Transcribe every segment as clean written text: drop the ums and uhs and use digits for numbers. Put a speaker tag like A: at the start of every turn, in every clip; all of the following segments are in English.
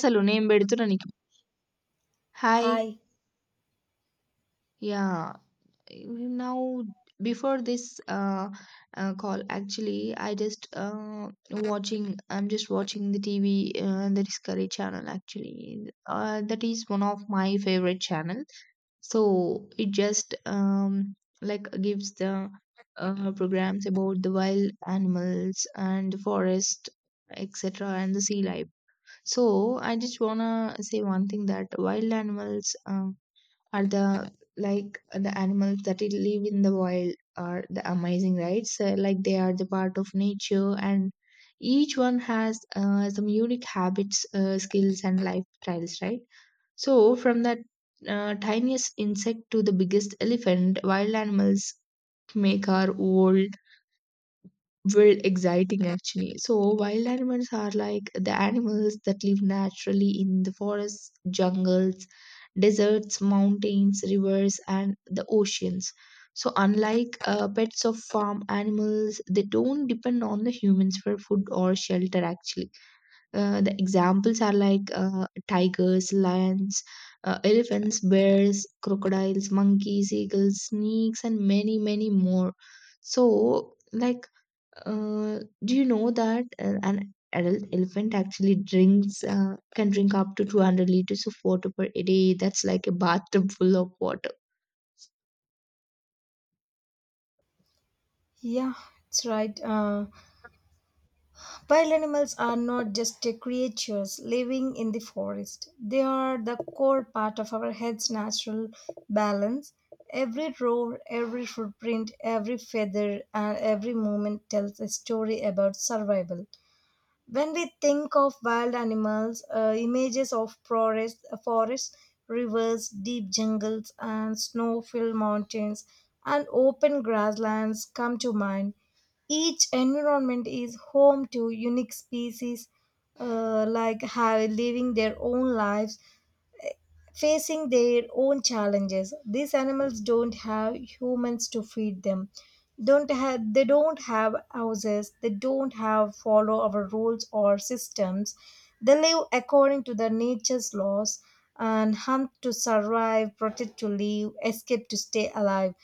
A: Hello, name, where did you come? Hi,
B: Hi.
A: yeah. Now, before this call, actually, I'm just watching the TV. The Discovery Channel, actually, that is one of my favorite channel. So it just like gives the programs about the wild animals and the forest, etc. And the sea life. So I just wanna say one thing that wild animals, are the like the animals that it live in the wild are the amazing, right? So like they are the part of nature, and each one has some unique habits, skills and lifestyles, right? So from that, tiniest insect to the biggest elephant, wild animals make our world were exciting, actually. So wild animals are like the animals that live naturally in the forests, jungles, deserts, mountains, rivers, and the oceans. So unlike pets of farm animals, they don't depend on the humans for food or shelter, actually. The examples are like tigers, lions, elephants, bears, crocodiles, monkeys, eagles, snakes, and many, many more. So like, do you know that an adult elephant actually drinks can drink up to 200 liters of water per day? That's like a bathtub full of water.
B: Yeah, it's right. Wild animals are not just creatures living in the forest. They are the core part of our head's natural balance. Every roar, every footprint, every feather, and every movement tells a story about survival. When we think of wild animals, uh, images of forests, rivers, deep jungles, and snow filled mountains and open grasslands come to mind. Each environment is home to unique species like have living their own lives facing their own challenges. These animals don't have humans to feed them. Don't have, they don't have houses. They don't have follow our rules or systems. They live according to the nature's laws and hunt to survive, protect to live, escape to stay alive.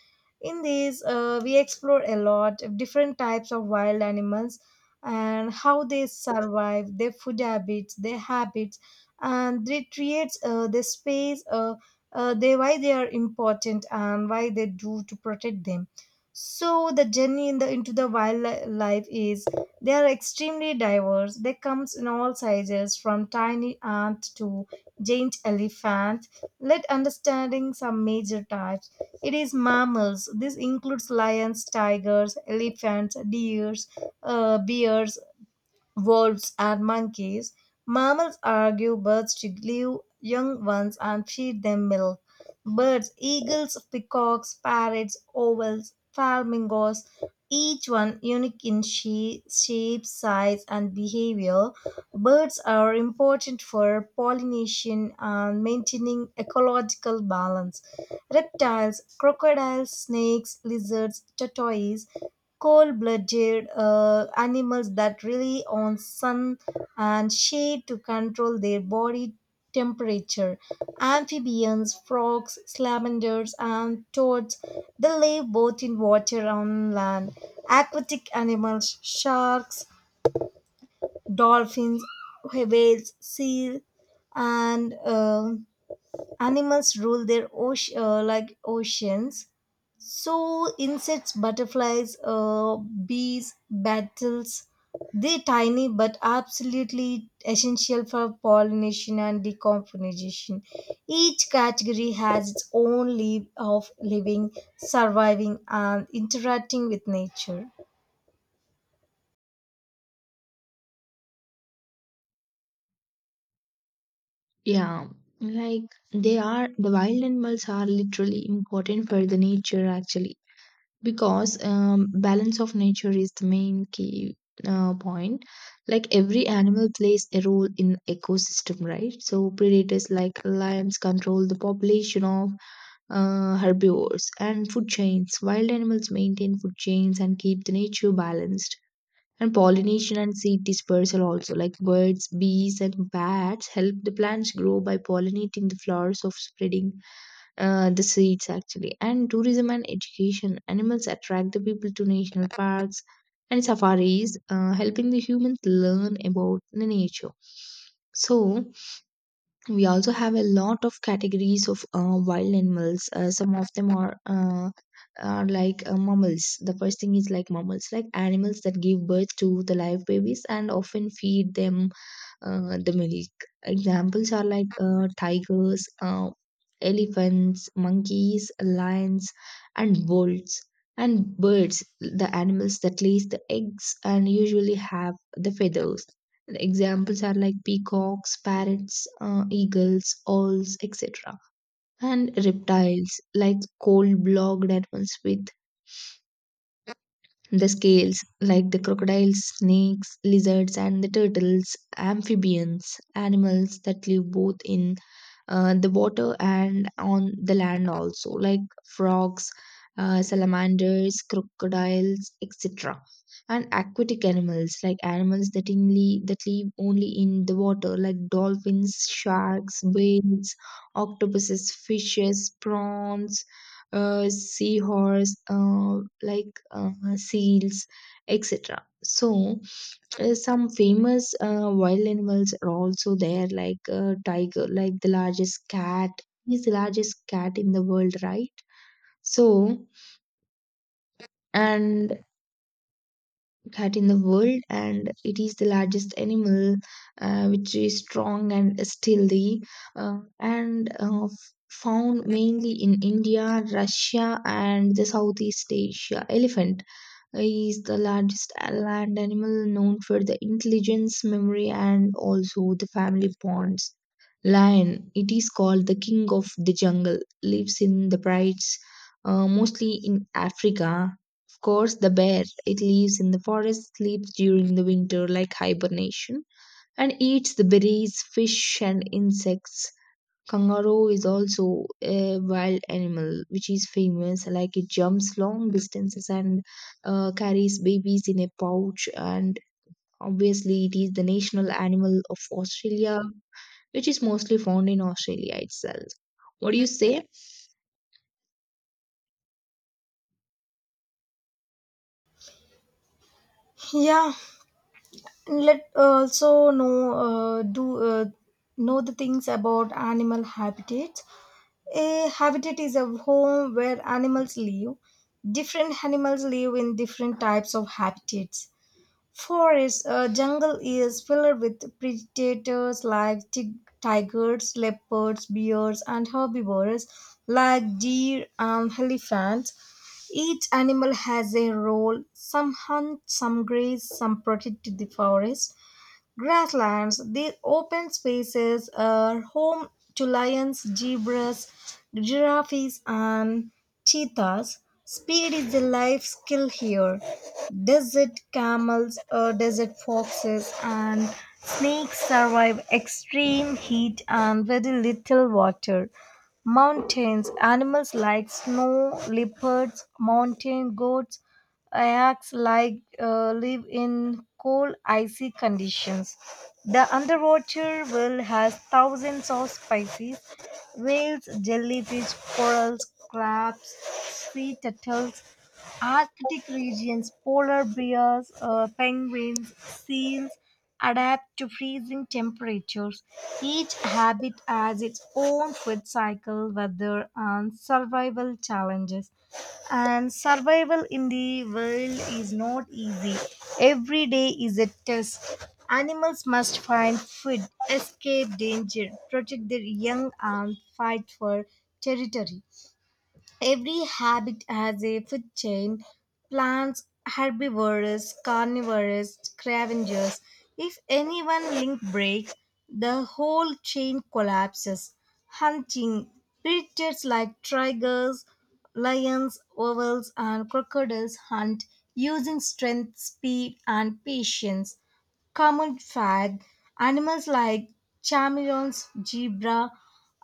B: In these, we explore a lot of different types of wild animals and how they survive, their food habits, their habits, and it creates this space they why they are important and why they do to protect them. So the journey in the into the wildlife is they are extremely diverse. They comes in all sizes, from tiny ant to giant elephant. Let understanding some major types. It is mammals. This includes lions, tigers, elephants, deers, bears, wolves are monkeys. Mammals argue birds to leave young ones and feed them milk. Birds, eagles, peacocks, parrots, owls, flamingos, each one unique in shape, size, and behavior. Birds are important for pollination and maintaining ecological balance. Reptiles, crocodiles, snakes, lizards, tortoises, cold-blooded animals that rely on sun and shade to control their body temperature. Amphibians, frogs, salamanders, and toads, they live both in water and on land. Aquatic animals, sharks, dolphins, whales, seals, and animals rule their ocean, like oceans. So insects, butterflies, bees, beetles, they're tiny but absolutely essential for pollination and decomposition. Each category has its own leave of living, surviving, and interacting with nature.
A: Yeah, like they are the wild animals are literally important for the nature, actually, because balance of nature is the main key point. Like every animal plays a role in ecosystem, right? So predators like lions control the population of herbivores and food chains. Wild animals maintain food chains and keep the nature balanced. And pollination and seed dispersal also, like birds, bees, and bats, help the plants grow by pollinating the flowers of spreading the seeds, actually. And tourism and education, animals attract the people to national parks and safaris, helping the humans learn about the nature. So, we also have a lot of categories of wild animals. Some of them are like mammals. The first thing is like mammals, like animals that give birth to the live babies and often feed them the milk. Examples are like tigers, elephants, monkeys, lions, and wolves, and birds, the animals that lays the eggs and usually have the feathers. The examples are like peacocks, parrots, eagles, owls, etc. And reptiles like cold blooded animals with the scales, like the crocodiles, snakes, lizards, and the turtles, amphibians, animals that live both in the water and on the land also, like frogs, salamanders, crocodiles, etc. And aquatic animals like animals that only that live only in the water, like dolphins, sharks, whales, octopuses, fishes, prawns, seahorse, seals, etc. So some famous wild animals are also there, like tiger, like the largest cat. He's the largest cat in the world, right? So and cat in the world, and it is the largest animal, which is strong and stealthy, uh, and uh, f- found mainly in India, Russia, and the Southeast Asia. Elephant is the largest land animal, known for the intelligence, memory, and also the family bonds. Lion, it is called the king of the jungle, lives in the brights, mostly in Africa. Course, the bear. It lives in the forest, sleeps during the winter like hibernation, and eats the berries, fish, and insects. Kangaroo is also a wild animal which is famous, like it jumps long distances and carries babies in a pouch. And obviously, it is the national animal of Australia, which is mostly found in Australia itself. What do you say?
B: Yeah, let also know do know the things about animal habitats. A habitat is a home where animals live. Different animals live in different types of habitats. Forest, a jungle is filled with predators like tigers, leopards, bears, and herbivores like deer and elephants. Each animal has a role. Some hunt, some graze, some protect the forest. Grasslands, these open spaces are home to lions, zebras, giraffes, and cheetahs. Speed is a life skill here. Desert camels, desert foxes, and snakes survive extreme heat and very little water. Mountains animals like snow leopards, mountain goats, yaks like live in cold icy conditions. The underwater world has thousands of species: whales, jellyfish, corals, crabs, sea turtles, Arctic regions, polar bears, penguins, seals, adapt to freezing temperatures. Each habit has its own food cycle, weather, and survival challenges. And survival in the world is not easy. Every day is a test. Animals must find food, escape danger, protect their young, and fight for territory. Every habit has a food chain. Plants, herbivores, carnivores, scavengers. If any one link breaks, the whole chain collapses. Hunting predators like tigers, lions, wolves, and crocodiles hunt using strength, speed, and patience. Common fag animals like chameleons, zebra,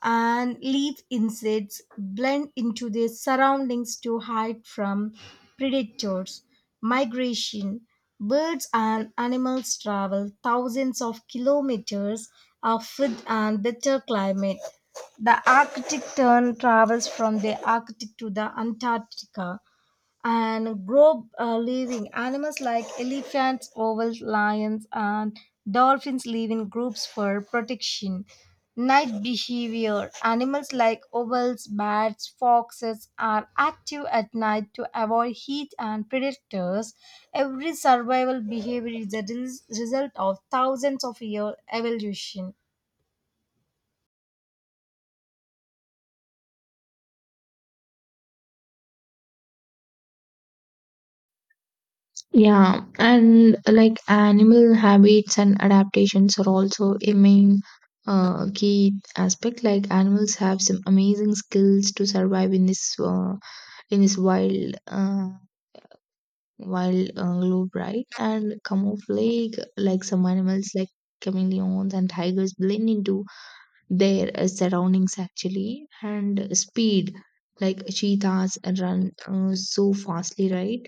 B: and leaf insects blend into their surroundings to hide from predators. Migration birds and animals travel thousands of kilometers of food and better climate. The Arctic tern travels from the Arctic to the Antarctica and grow living animals like elephants, owl lions, and dolphins live in groups for protection. Night behavior animals like owls, bats, foxes are active at night to avoid heat and predators. Every survival behavior is a result of thousands of year evolution.
A: Yeah, and like animal habits and adaptations are also a main key aspect. Like animals have some amazing skills to survive in this wild globe, right? And camouflage, like some animals like chameleons and tigers, blend into their surroundings, actually. And speed, like cheetahs run so fastly, right?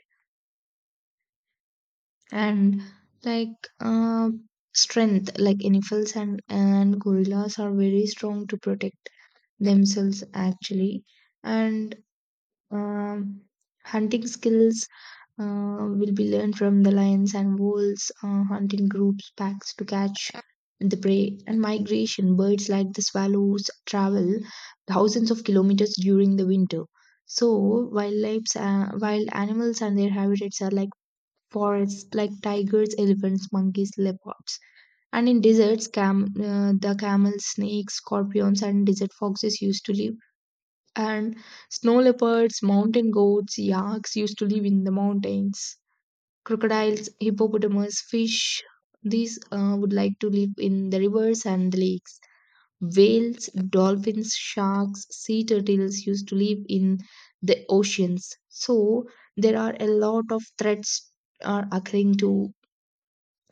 A: And like, strength, like elephants and gorillas are very strong to protect themselves, actually. And um, hunting skills will be learned from the lions and wolves, hunting groups packs to catch the prey. And migration birds, like the swallows, travel thousands of kilometers during the winter. So wild animals and their habitats are like forests, like tigers, elephants, monkeys, leopards. And in deserts, the camels, snakes, scorpions, and desert foxes used to live. And snow leopards, mountain goats, yaks used to live in the mountains. Crocodiles, hippopotamus, fish, these would like to live in the rivers and the lakes. Whales, dolphins, sharks, sea turtles used to live in the oceans. So, there are a lot of threats are occurring to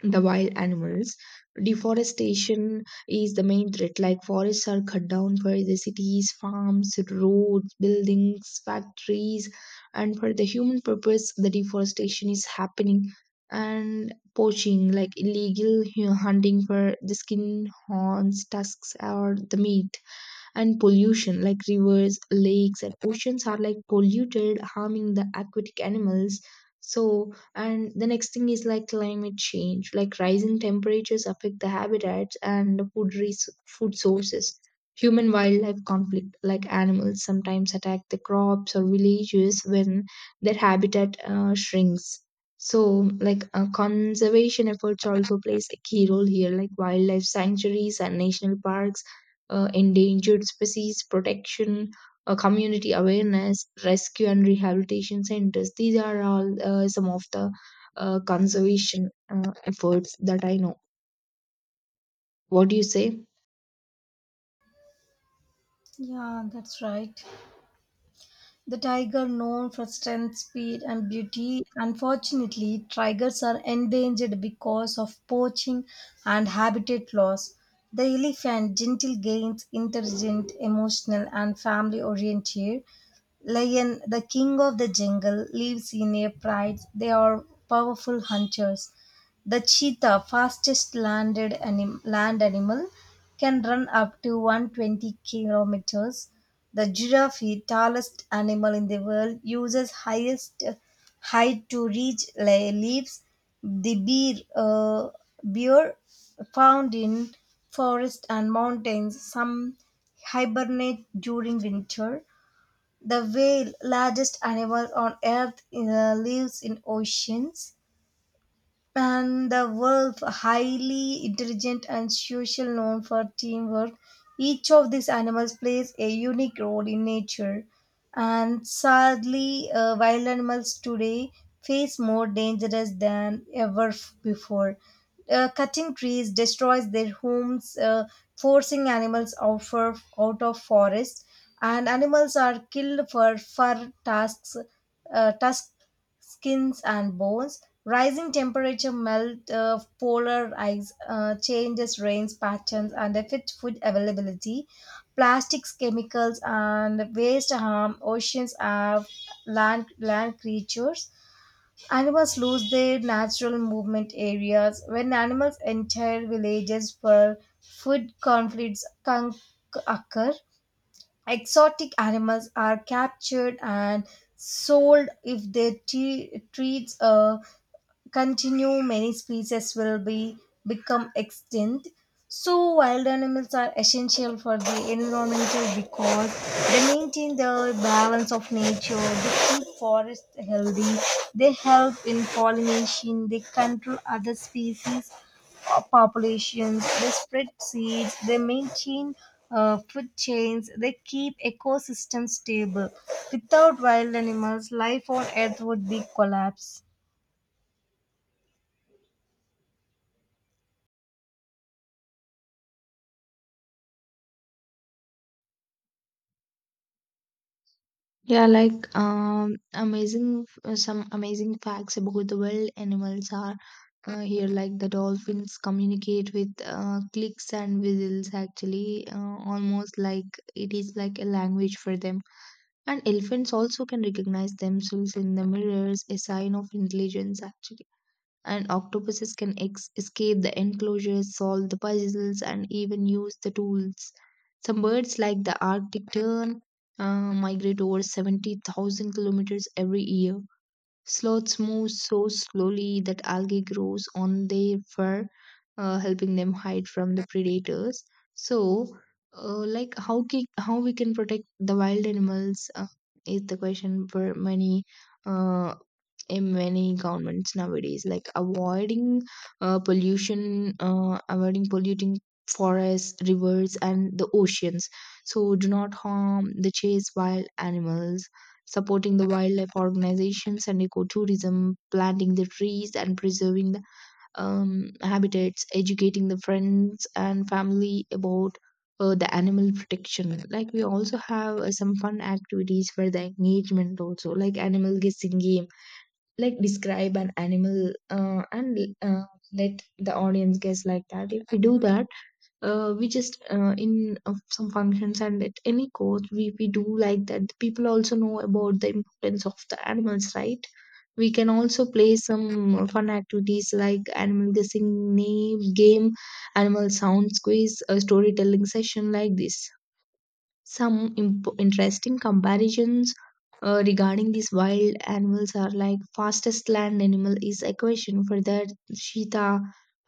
A: the wild animals. Deforestation is the main threat. Like forests are cut down for the cities, farms, roads, buildings, factories, and for the human purpose, the deforestation is happening. And poaching, like illegal hunting for the skin, horns, tusks, or the meat. And pollution, like rivers, lakes, and oceans are like polluted, harming the aquatic animals. So, and the next thing is like climate change, like rising temperatures affect the habitats and the food sources. Human wildlife conflict, like animals sometimes attack the crops or villages when their habitat shrinks. So, like, conservation efforts also plays a key role here, like wildlife sanctuaries and national parks, endangered species protection, community awareness, rescue and rehabilitation centers. These are all some of the conservation efforts that I know. What do you say?
B: Yeah, that's right. The tiger, known for strength, speed, and beauty, unfortunately, tigers are endangered because of poaching and habitat loss. The elephant, gentle, gains intelligent, emotional, and family oriented. Lion, the king of the jungle, lives in a pride. They are powerful hunters. The cheetah, fastest land animal, can run up to 120 kilometers. The giraffe, tallest animal in the world, uses highest height to reach leaves. The bear, bear found in forests and mountains, some hibernate during winter. The whale, largest animal on earth, lives in oceans. And the wolf, highly intelligent and social, known for teamwork. Each of these animals plays a unique role in nature. And sadly, wild animals today face more dangers than ever before. Cutting trees destroys their homes, forcing animals out, for, out of forests. And animals are killed for fur tasks, tusk, skins, and bones. Rising temperature melt polar ice, changes rains patterns, and affect food availability. Plastics, chemicals, and waste harm oceans and land creatures. Animals lose their natural movement areas. When animals enter villages for food, conflicts can occur. Exotic animals are captured and sold. If their treats continue, many species will be become extinct. So wild animals are essential for the environmental because they maintain the balance of nature, they keep forests healthy, they help in pollination, they control other species populations, they spread seeds, they maintain food chains, they keep ecosystems stable. Without wild animals, life on earth would be collapse.
A: Yeah, like amazing some amazing facts about the wild animals are here. Like the dolphins communicate with clicks and whistles. Actually, almost like it is like a language for them. And elephants also can recognize themselves in the mirrors, a sign of intelligence, actually. And octopuses can escape the enclosures, solve the puzzles, and even use the tools. Some birds, like the Arctic tern, migrate over 70,000 kilometers every year. Sloths move so slowly that algae grows on their fur, helping them hide from the predators. So, how we can protect the wild animals is the question for uh, many governments nowadays. Like avoiding avoiding polluting forests, rivers, and the oceans. So do not harm the chase wild animals, supporting the wildlife organizations and ecotourism, planting the trees and preserving the habitats, educating the friends and family about the animal protection. Like we also have some fun activities for the engagement also, like animal guessing game, like describe an animal and let the audience guess, like that. If we do that, we just in some functions, and at any course, we do like that, people also know about the importance of the animals, right? We can also play some fun activities like animal guessing name game, animal sound quiz, a storytelling session like this. Some interesting comparisons regarding these wild animals are like fastest land animal is equation for the cheetah,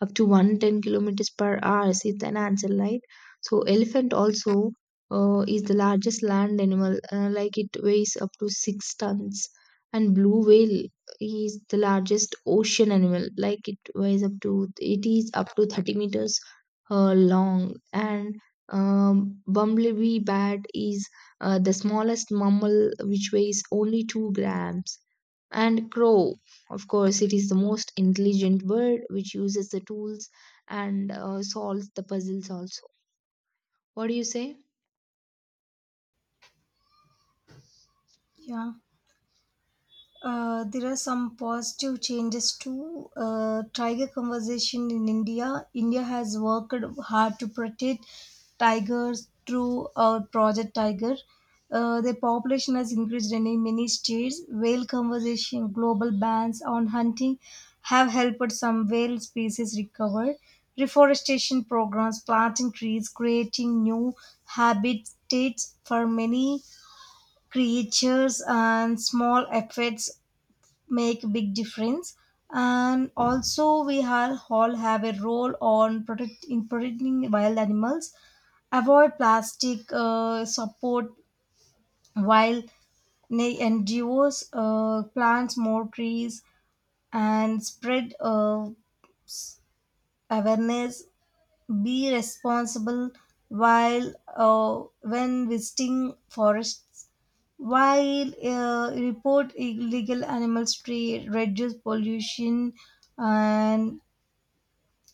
A: up to 110 kilometers per hour is an answer, right? So elephant also is the largest land animal, like it weighs up to 6 tons. And blue whale is the largest ocean animal, like it weighs up to, it is up to 30 meters long. And bumblebee bat is the smallest mammal which weighs only 2 grams. And crow, of course, it is the most intelligent bird, which uses the tools and solves the puzzles also. What do you say?
B: Yeah. There are some positive changes too. Tiger conservation in India. India has worked hard to protect tigers through our Project Tiger. Their population has increased in many states. Whale conservation, global bans on hunting have helped some whale species recover. Reforestation programs, planting trees, creating new habitats for many creatures, and small efforts make big difference. And also we all have a role on in protecting wild animals. Avoid plastic, support wild na- NGOs, plants more trees, and spread awareness. Be responsible while when visiting forests, while report illegal animals trade, reduce pollution, and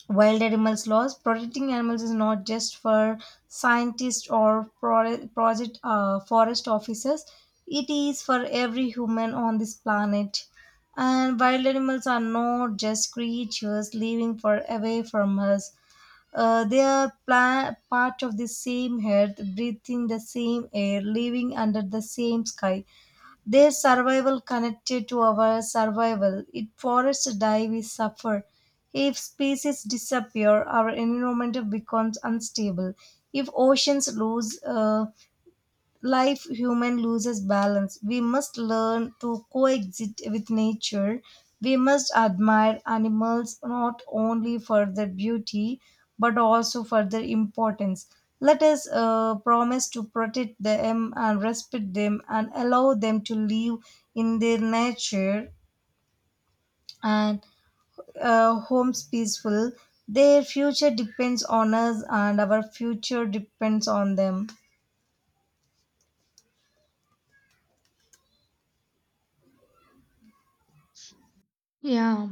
B: wild animals laws. Protecting animals is not just for scientists or pro- project forest officers. It is for every human on this planet. And wild animals are not just creatures living far away from us. They are part of the same earth, breathing the same air, living under the same sky. Their survival connected to our survival. If forests die, we suffer. If species disappear, our environment becomes unstable. If oceans lose life, human loses balance. We must learn to coexist with nature. We must admire animals not only for their beauty but also for their importance. Let us promise to protect them and respect them and allow them to live in their nature and homes peaceful. Their future depends on us and our future depends on them.
A: Yeah,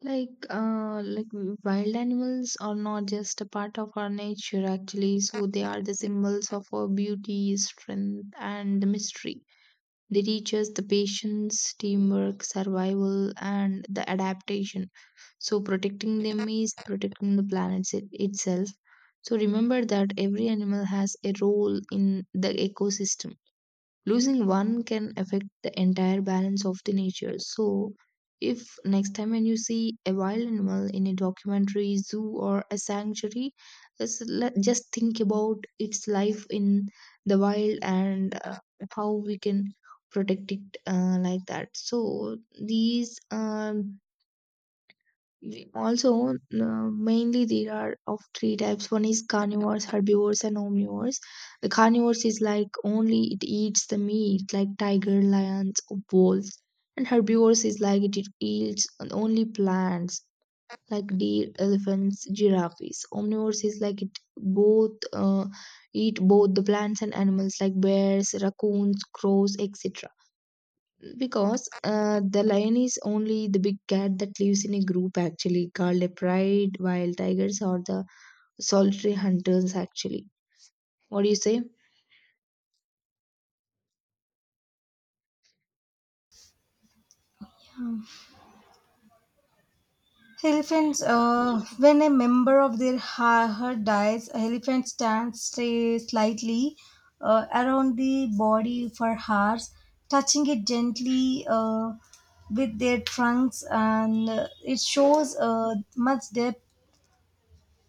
A: like wild animals are not just a part of our nature, actually, so they are the symbols of our beauty, strength, and the mystery. They teach us the patience, teamwork, survival, and the adaptation. So, protecting them is protecting the planet itself. So, remember that every animal has a role in the ecosystem. Losing one can affect the entire balance of the nature. So, if next time when you see a wild animal in a documentary, zoo, or a sanctuary, just think about its life in the wild, and how we can protect it, like that. So, these um Also, mainly there are of three types. One is carnivores, herbivores, and omnivores. The carnivores is like only it eats the meat, like tiger, lions, or wolves. And herbivores is like it eats only plants, like deer, elephants, giraffes. Omnivores is like it both eat both the plants and animals, like bears, raccoons, crows, etc. Because the lion is only the big cat that lives in a group actually called a pride, while tigers are the solitary hunters actually. What do you say?
B: Elephants, when a member of their herd dies, elephants stand stay slightly around the body for hours, touching it gently with their trunks, and it shows much depth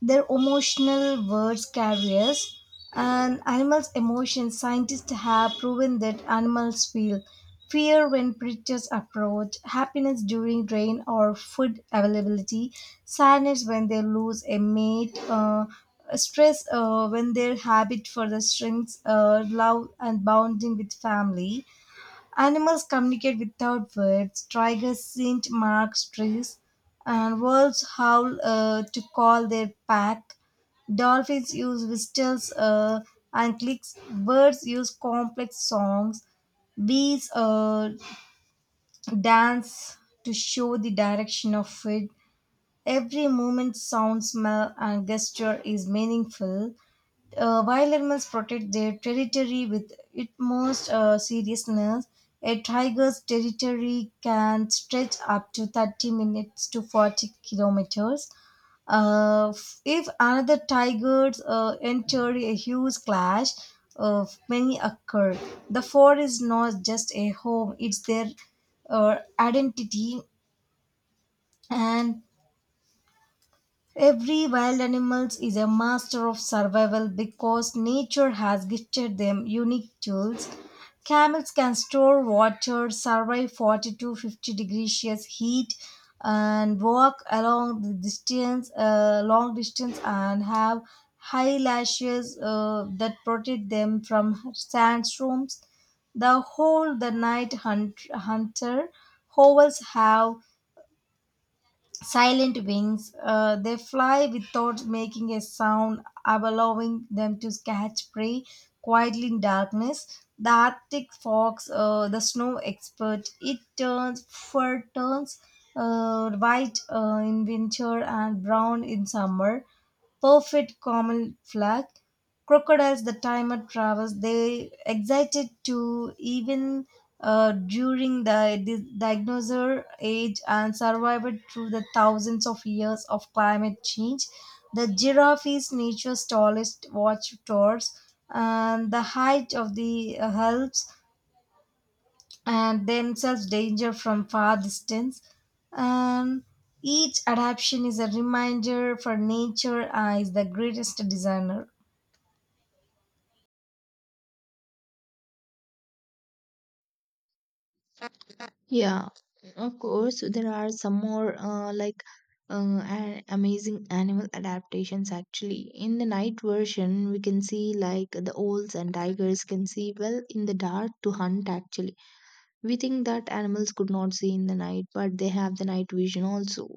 B: their emotional words carriers and animals' emotions. Scientists have proven that animals feel fear when predators approach, happiness during rain or food availability, sadness when they lose a mate, stress when their habit for the strengths, love, and bonding with family. Animals communicate without words. Tigers scent mark trees, and wolves howl to call their pack. Dolphins use whistles and clicks. Birds use complex songs. Bees dance to show the direction of food. Every movement, sound, smell, and gesture is meaningful. While animals protect their territory with utmost seriousness, a tiger's territory can stretch up to 30 minutes to 40 kilometers. If another tiger enter a huge clash, many occur. The fort is not just a home; it's their identity, and every wild animals is a master of survival because nature has gifted them unique tools. Camels can store water, survive 40 to 50 degrees Celsius heat, and walk along the distance, long distance, and have high lashes that protect them from sandstorms. The whole the hunter owls have silent wings. They fly without making a sound, allowing them to catch prey quietly in darkness. The Arctic fox, the snow expert, it turns white in winter and brown in summer, perfect common flag. Crocodiles, the timer travels, they excited to even during the dinosaur age and survived through the thousands of years of climate change. The giraffe is nature's tallest watch towers, and the height of the Alps and themselves danger from far distance. And each adaptation is a reminder for nature is the greatest designer.
A: Yeah, of course there are some more, like amazing animal adaptations actually. In the night version, we can see like the owls and tigers can see well in the dark to hunt actually. We think that animals could not see in the night, but they have the night vision also.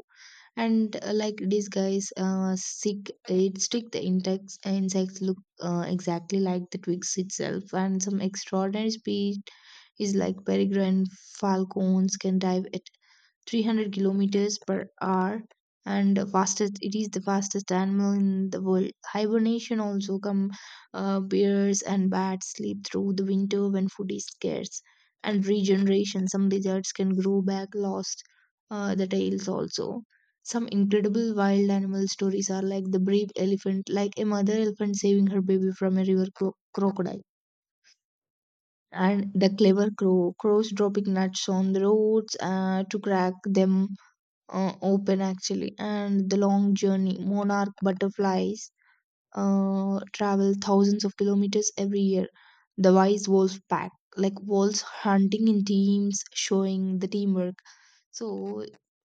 A: And like these guys, seek it stick the insects look exactly like the twigs itself. And some extraordinary speed is like peregrine falcons can dive at 300 kilometers per hour, and the fastest, it is the fastest animal in the world. Hibernation also come, bears and bats sleep through the winter when food is scarce. And regeneration, some lizards can grow back lost, the tails also. Some incredible wild animal stories are like the brave elephant, like a mother elephant saving her baby from a river crocodile, and the clever crows dropping nuts on the roads to crack them open actually. And the long journey, monarch butterflies travel thousands of kilometers every year. The wise wolf pack, like wolves hunting in teams, showing the teamwork. So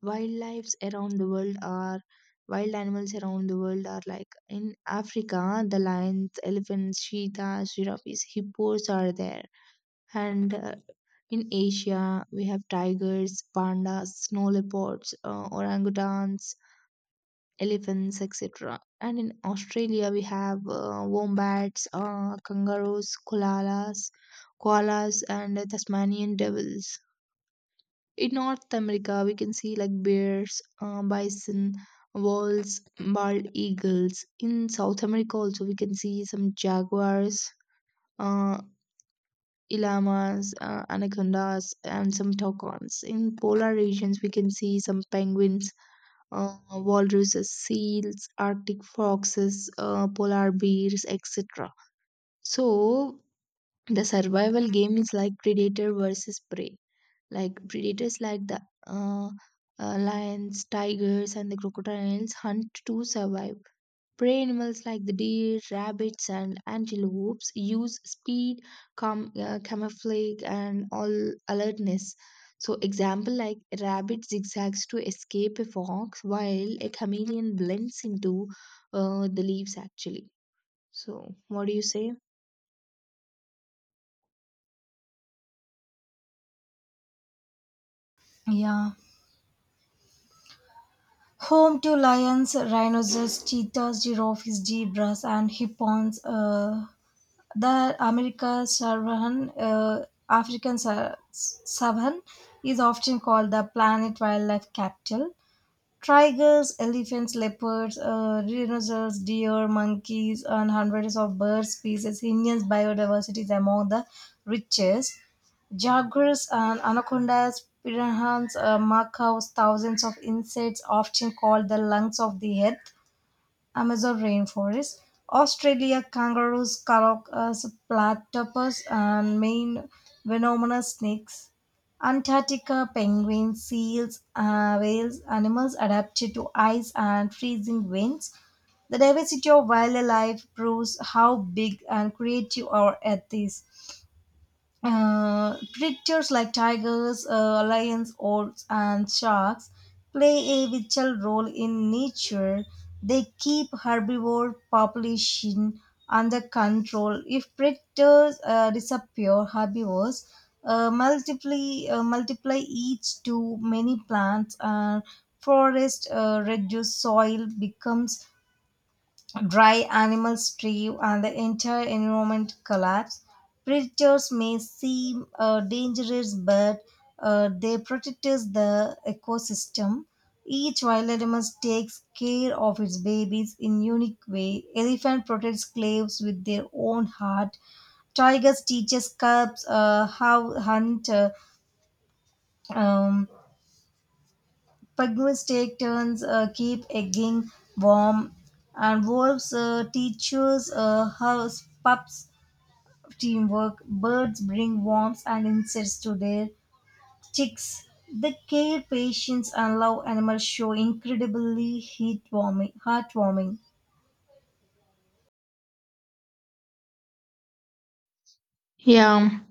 A: wildlife around the world are wild animals around the world are like, in Africa, the lions, elephants, cheetahs, giraffes, hippos are there. And in Asia, we have tigers, pandas, snow leopards, orangutans, elephants, etc. And in Australia, we have wombats, kangaroos, koalas, and Tasmanian devils. In North America, we can see like bears, bison, wolves, bald eagles. In South America, also we can see some jaguars, uh, llamas, anacondas, and some toucans. In polar regions, we can see some penguins, walruses, seals, arctic foxes, polar bears, etc. So the survival game is like predator versus prey. Like predators, like the uh, lions, tigers, and the crocodiles, hunt to survive. Prey animals like the deer, rabbits, and antelopes use speed, camouflage, and all alertness. So, example, like a rabbit zigzags to escape a fox, while a chameleon blends into the leaves actually. So what do you say?
B: Yeah. Home to lions, rhinos, cheetahs, giraffes, zebras, and hippos. The America savan, African savan, is often called the planet wildlife capital. Tigers, elephants, leopards, rhinos, deer, monkeys, and hundreds of bird species. India's biodiversity is among the richest. Jaguars and anacondas, piranhas, macaws, thousands of insects, often called the lungs of the earth. Amazon rainforest, Australia kangaroos, caracas, platypus, and main venomous snakes, Antarctica penguins, seals, whales, animals adapted to ice and freezing winds. The diversity of wildlife proves how big and creative our earth is. Predators like tigers, lions, orcs, and sharks play a vital role in nature. They keep herbivore population under control. If predators disappear, herbivores multiply each to many plants and forest reduce, soil becomes dry, animals starve, and the entire environment collapse. Predators may seem dangerous, but they protect the ecosystem. Each wild animal takes care of its babies in unique way. Elephant protects slaves with their own heart. Tigers teaches cubs how hunt. Um, Penguins take turns keep egging warm, and wolves teaches house pups teamwork. Birds bring worms and insects to their chicks. The care, patience, and love animals show incredibly heartwarming.
A: Yeah,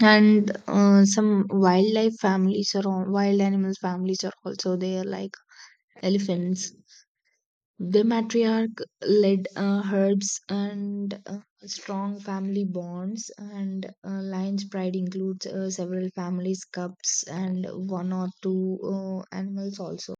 A: and some wild animals families are also there, like elephants. The matriarch led herbs and strong family bonds, and Lion's Pride includes several families, cups, and one or two animals also.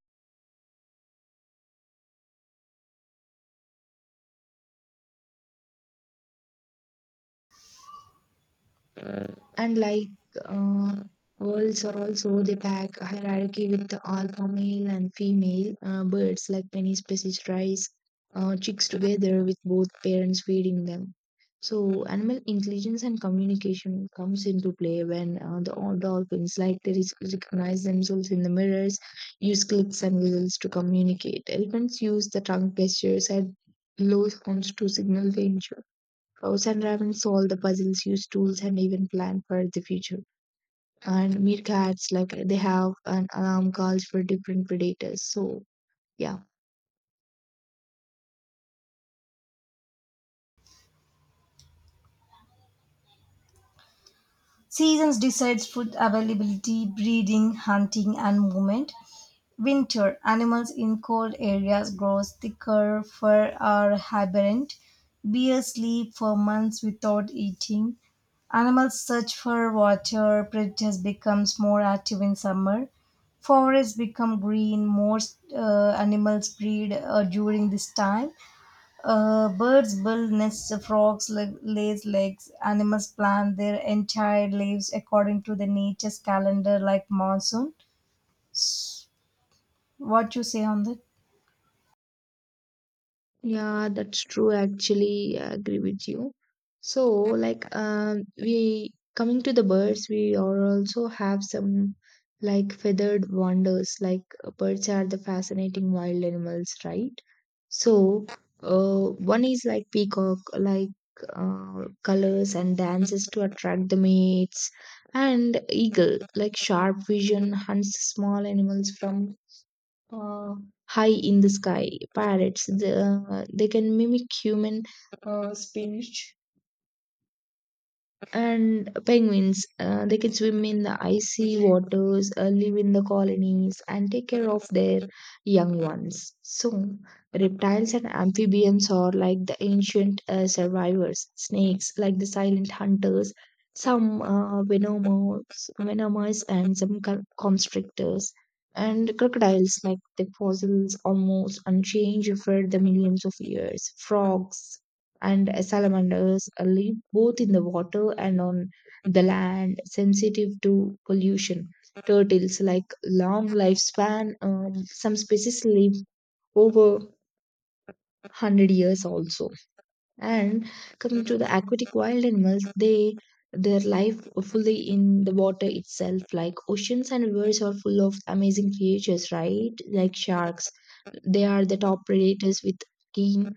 A: And like uh, owls are also, they pack a hierarchy with the alpha male and female birds. Like many species raise chicks together with both parents feeding them. So animal intelligence and communication comes into play when the old dolphins, like they recognize themselves in the mirrors, use clicks and whistles to communicate. Elephants use the tongue gestures and low sounds to signal danger. Cows and ravens solve the puzzles, use tools, and even plan for the future. And meerkats, like they have an alarm calls for different predators. So yeah.
B: Seasons decides food availability, breeding, hunting, and movement. Winter animals in cold areas grow thicker, fur are hibernate. Bears sleep for months without eating. Animals search for water. Predators becomes more active in summer. Forests become green. Most animals breed during this time. Birds build nests. Frogs lays eggs. Animals plant their entire lives according to the nature's calendar, like monsoon. What you say on that?
A: Yeah, that's true. Actually, I agree with you. So, like, we coming to the birds, we are also have some like feathered wonders. Like, birds are the fascinating wild animals, right? So, one is like peacock, like colors and dances to attract the mates, and eagle, like sharp vision, hunts small animals from uh, high in the sky. Parrots, the, they can mimic human speech. And penguins, they can swim in the icy waters, live in the colonies, and take care of their young ones. So reptiles and amphibians are like the ancient survivors. Snakes like the silent hunters, some venomous and some constrictors, and crocodiles like the fossils, almost unchanged for the millions of years. Frogs and salamanders live both in the water and on the land, sensitive to pollution. Turtles, like long lifespan, some species live over 100 years also. And coming to the aquatic wild animals, they their life fully in the water itself. Like oceans and rivers are full of amazing creatures, right? Like sharks, they are the top predators with keen,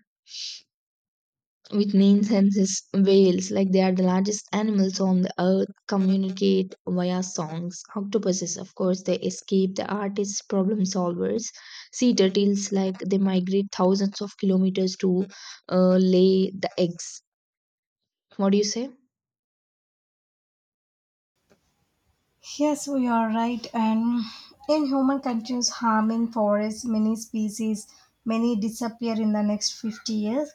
A: which means hence. Whales, like they are the largest animals on the earth, communicate via songs. Octopuses, of course, they escape the artists, problem solvers. Sea turtles, like they migrate thousands of kilometers to lay the eggs. What do you say?
B: Yes, we are right. And inhuman continues harming forests, many species, many disappear in the next 50 years.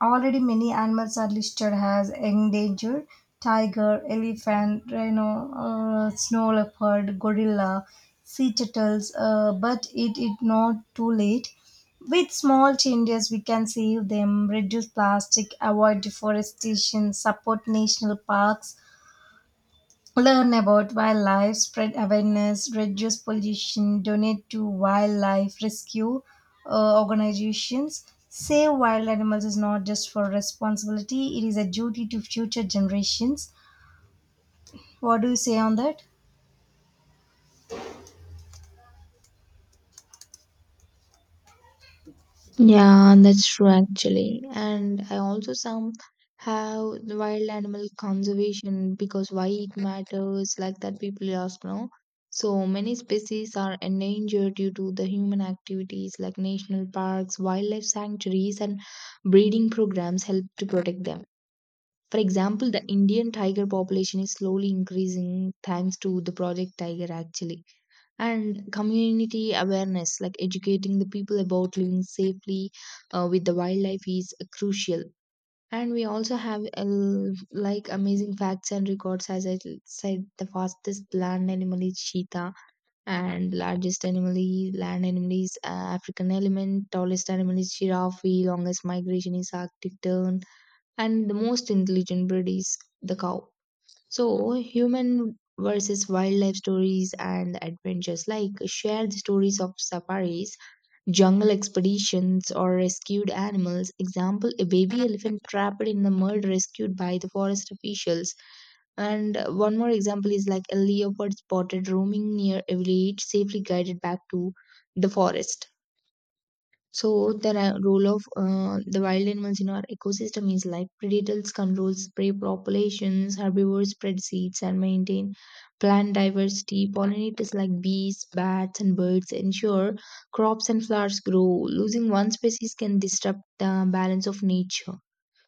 B: Already many animals are listed as endangered. Tiger, elephant, rhino, snow leopard, gorilla, sea turtles, but it is not too late. With small changes, we can save them, reduce plastic, avoid deforestation, support national parks, learn about wildlife, spread awareness, reduce pollution, donate to wildlife rescue organizations. Save wild animals is not just for responsibility, it is a duty to future generations. What do you say on that?
A: Yeah, that's true actually. And I also some have the wild animal conservation, because why it matters, like that people ask, no. So many species are endangered due to the human activities. Like national parks, wildlife sanctuaries, and breeding programs help to protect them. For example, the Indian tiger population is slowly increasing thanks to the Project Tiger actually. And community awareness, like educating the people about living safely with the wildlife is crucial. And we also have like amazing facts and records. As I said, the fastest land animal is cheetah, and largest animal is land animal is African elephant, tallest animal is giraffe, longest migration is arctic tern, and the most intelligent bird is the cow. So, human versus wildlife stories and adventures, like share the stories of safaris, jungle expeditions, or rescued animals. Example, a baby elephant trapped in the mud rescued by the forest officials. And one more example is like a leopard spotted roaming near a village, safely guided back to the forest. So the role of the wild animals in our ecosystem is like predators controls prey populations, herbivores spread seeds and maintain plant diversity. Pollinators like bees, bats, and birds ensure crops and flowers grow. Losing one species can disrupt the balance of nature.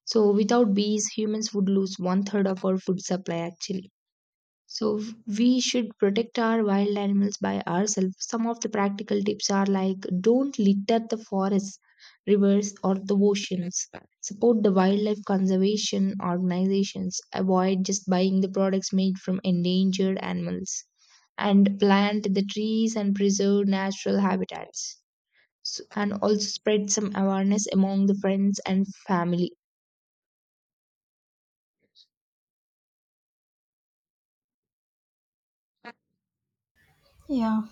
A: So without bees, humans would lose one third of our food supply actually. So we should protect our wild animals by ourselves. Some of the practical tips are like, don't litter the forests, rivers, or the oceans. Support the wildlife conservation organizations. Avoid just buying the products made from endangered animals. And plant the trees and preserve natural habitats. So, and also spread some awareness among the friends and family.
B: Yeah.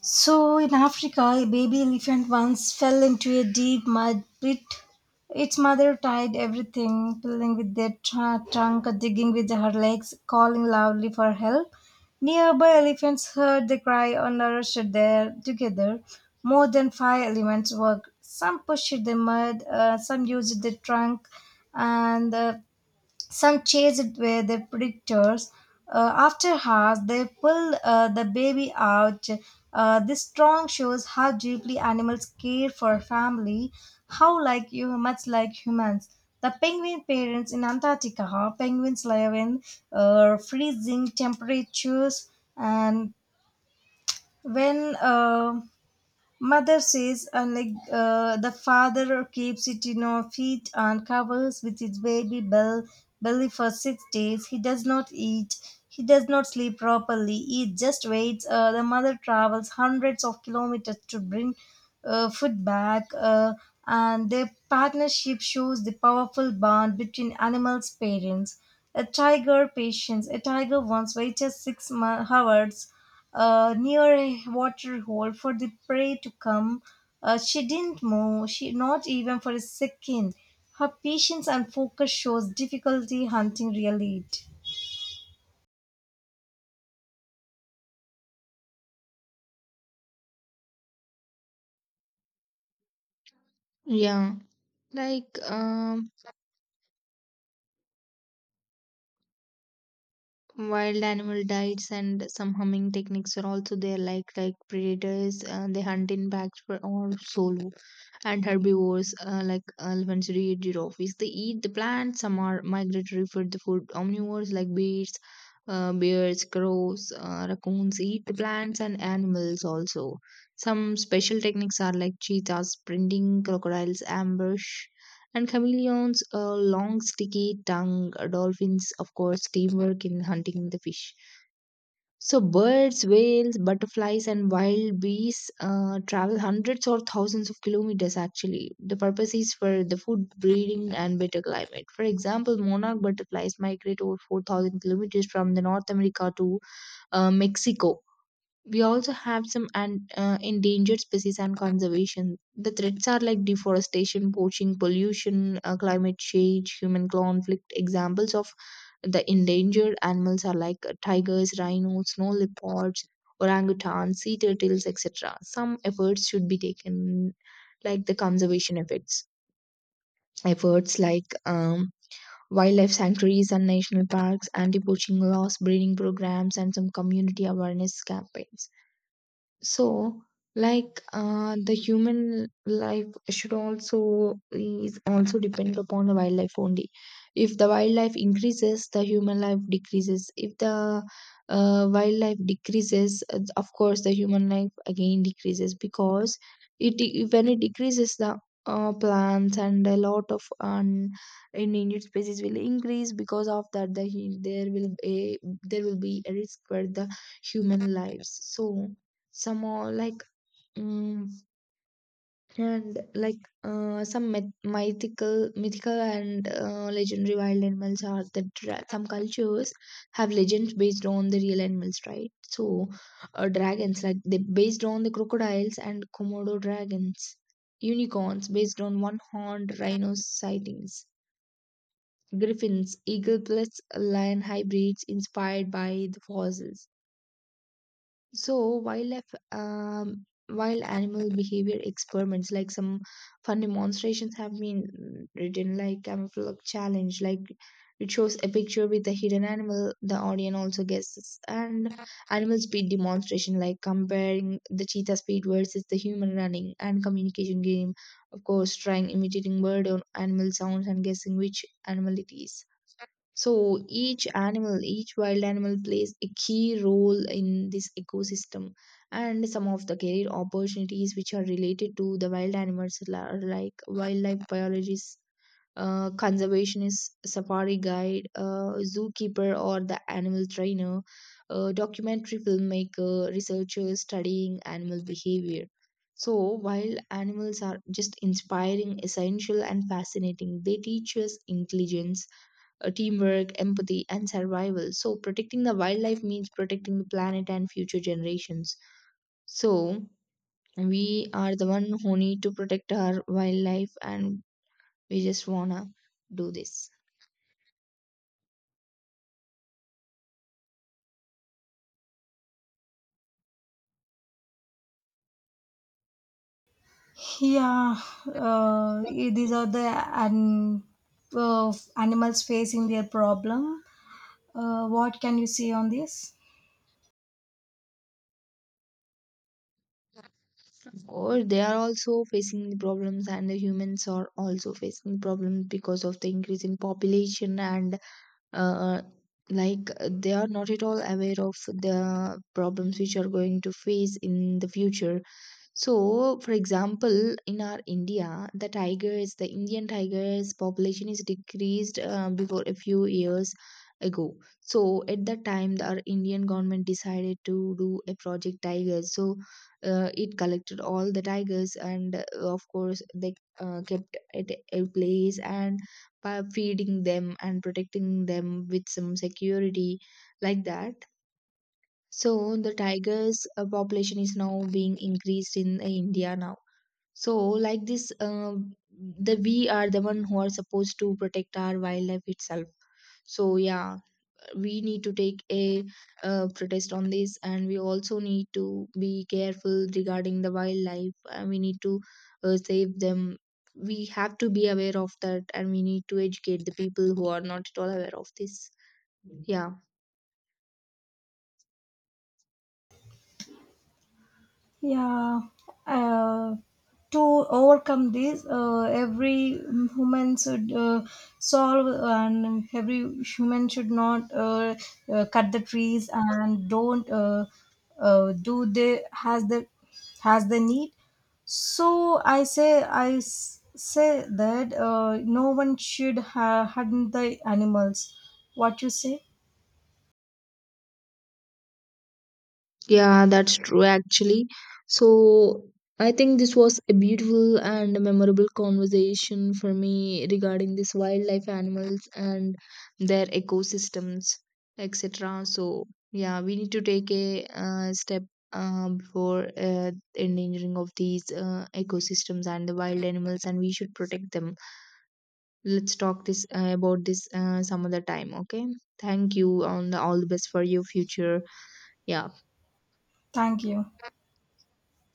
B: So, in Africa, a baby elephant once fell into a deep mud pit. Its mother tied everything, pulling with their trunk, digging with her legs, calling loudly for help. Nearby elephants heard the cry and rushed there together. More than five elements worked. Some pushed the mud, some used the trunk, and some chased with their predators. After hours, they pulled the baby out. This strong shows how deeply animals care for family, how like you, much like humans. The penguin parents in Antarctica, penguins live in freezing temperatures, and when Mother says, and like the father keeps it in our feet and covers with his baby bell belly for 6 days. He does not eat. He does not sleep properly. He just waits. The mother travels hundreds of kilometers to bring food back, and their partnership shows the powerful bond between animals' parents. A tiger patience. A tiger once waited hours near a water hole for the prey to come. She didn't move, she not even for a second. Her patience and focus shows difficulty hunting real lead.
A: Yeah, like um, wild animal diets and some humming techniques are also there. Like predators, they hunt in packs for or solo, and herbivores, like elephants, reed, giraffes. They eat the plants. Some are migratory for the food. Omnivores like bears, crows, raccoons eat the plants and animals also. Some special techniques are like cheetahs sprinting, crocodiles ambush, and chameleons, long sticky tongue. Dolphins, of course, teamwork in hunting the fish. So birds, whales, butterflies, and wild bees travel hundreds or thousands of kilometers actually. The purpose is for the food, breeding, and better climate. For example, monarch butterflies migrate over 4,000 kilometers from the North America to Mexico. We also have some endangered species and conservation. The threats are like deforestation, poaching, pollution, climate change, human conflict. Examples of the endangered animals are like tigers, rhinos, snow leopards, orangutans, sea turtles, etc. Some efforts should be taken, like the conservation efforts. Efforts like wildlife sanctuaries and national parks, anti poaching laws, breeding programs, and some community awareness campaigns. So, like the human life should also is also depend upon the wildlife only. If the wildlife increases, the human life decreases. If the wildlife decreases, of course, the human life again decreases, because it when it decreases, the plants and a lot of endangered species will increase. Because of that, the there will be a risk for the human lives. So some are like mm, and like some mythical and legendary wild animals are the some cultures have legends based on the real animals, right? So dragons, like they based on the crocodiles and komodo dragons, unicorns based on one horned rhinos sightings, griffins eagle plus lion hybrids inspired by the fossils. So wildlife, wild animal behavior experiments, like some fun demonstrations, have been written, like camouflage challenge, like it shows a picture with a hidden animal. The audience also guesses. And animal speed demonstration, like comparing the cheetah speed versus the human running. And communication game, of course, trying imitating bird or animal sounds and guessing which animal it is. So each animal, each wild animal plays a key role in this ecosystem. And some of the career opportunities which are related to the wild animals are like wildlife biologists, conservationist, safari guide, zookeeper, or the animal trainer, documentary filmmaker, researchers studying animal behavior. So, wild animals are just inspiring, essential, and fascinating. They teach us intelligence, teamwork, empathy, and survival. So, protecting the wildlife means protecting the planet and future generations. So, we are the one who need to protect our wildlife, and we just wanna do this.
B: Yeah, these are the an, animals facing their problem. What can you say on this?
A: Or they are also facing the problems, and the humans are also facing the problems because of the increase in population and uh, like they are not at all aware of the problems which are going to face in the future. So, for example, in our India, the tigers, the Indian tigers population is decreased before a few years ago. So, at that time, the, our Indian government decided to do a project tigers. So, it collected all the tigers, and of course, they kept at a place and by feeding them and protecting them with some security like that. So the tigers population is now being increased in India now. So like this, the we are the one who are supposed to protect our wildlife itself. So yeah, we need to take a protest on this, and we also need to be careful regarding the wildlife. And we need to save them. We have to be aware of that, and we need to educate the people who are not at all aware of this. Yeah.
B: Yeah, uh, to overcome this, every human should solve, and every human should not cut the trees, and don't do the has the has the need. So I say, say that no one should harm the animals. What you say?
A: Yeah, that's true actually. So I think this was a beautiful and memorable conversation for me regarding this wildlife animals and their ecosystems, etc. So yeah, we need to take a step before endangering of these ecosystems and the wild animals, and we should protect them. Let's talk this about this some other time. Okay. Thank you, and all the best for your future. Yeah.
B: Thank you.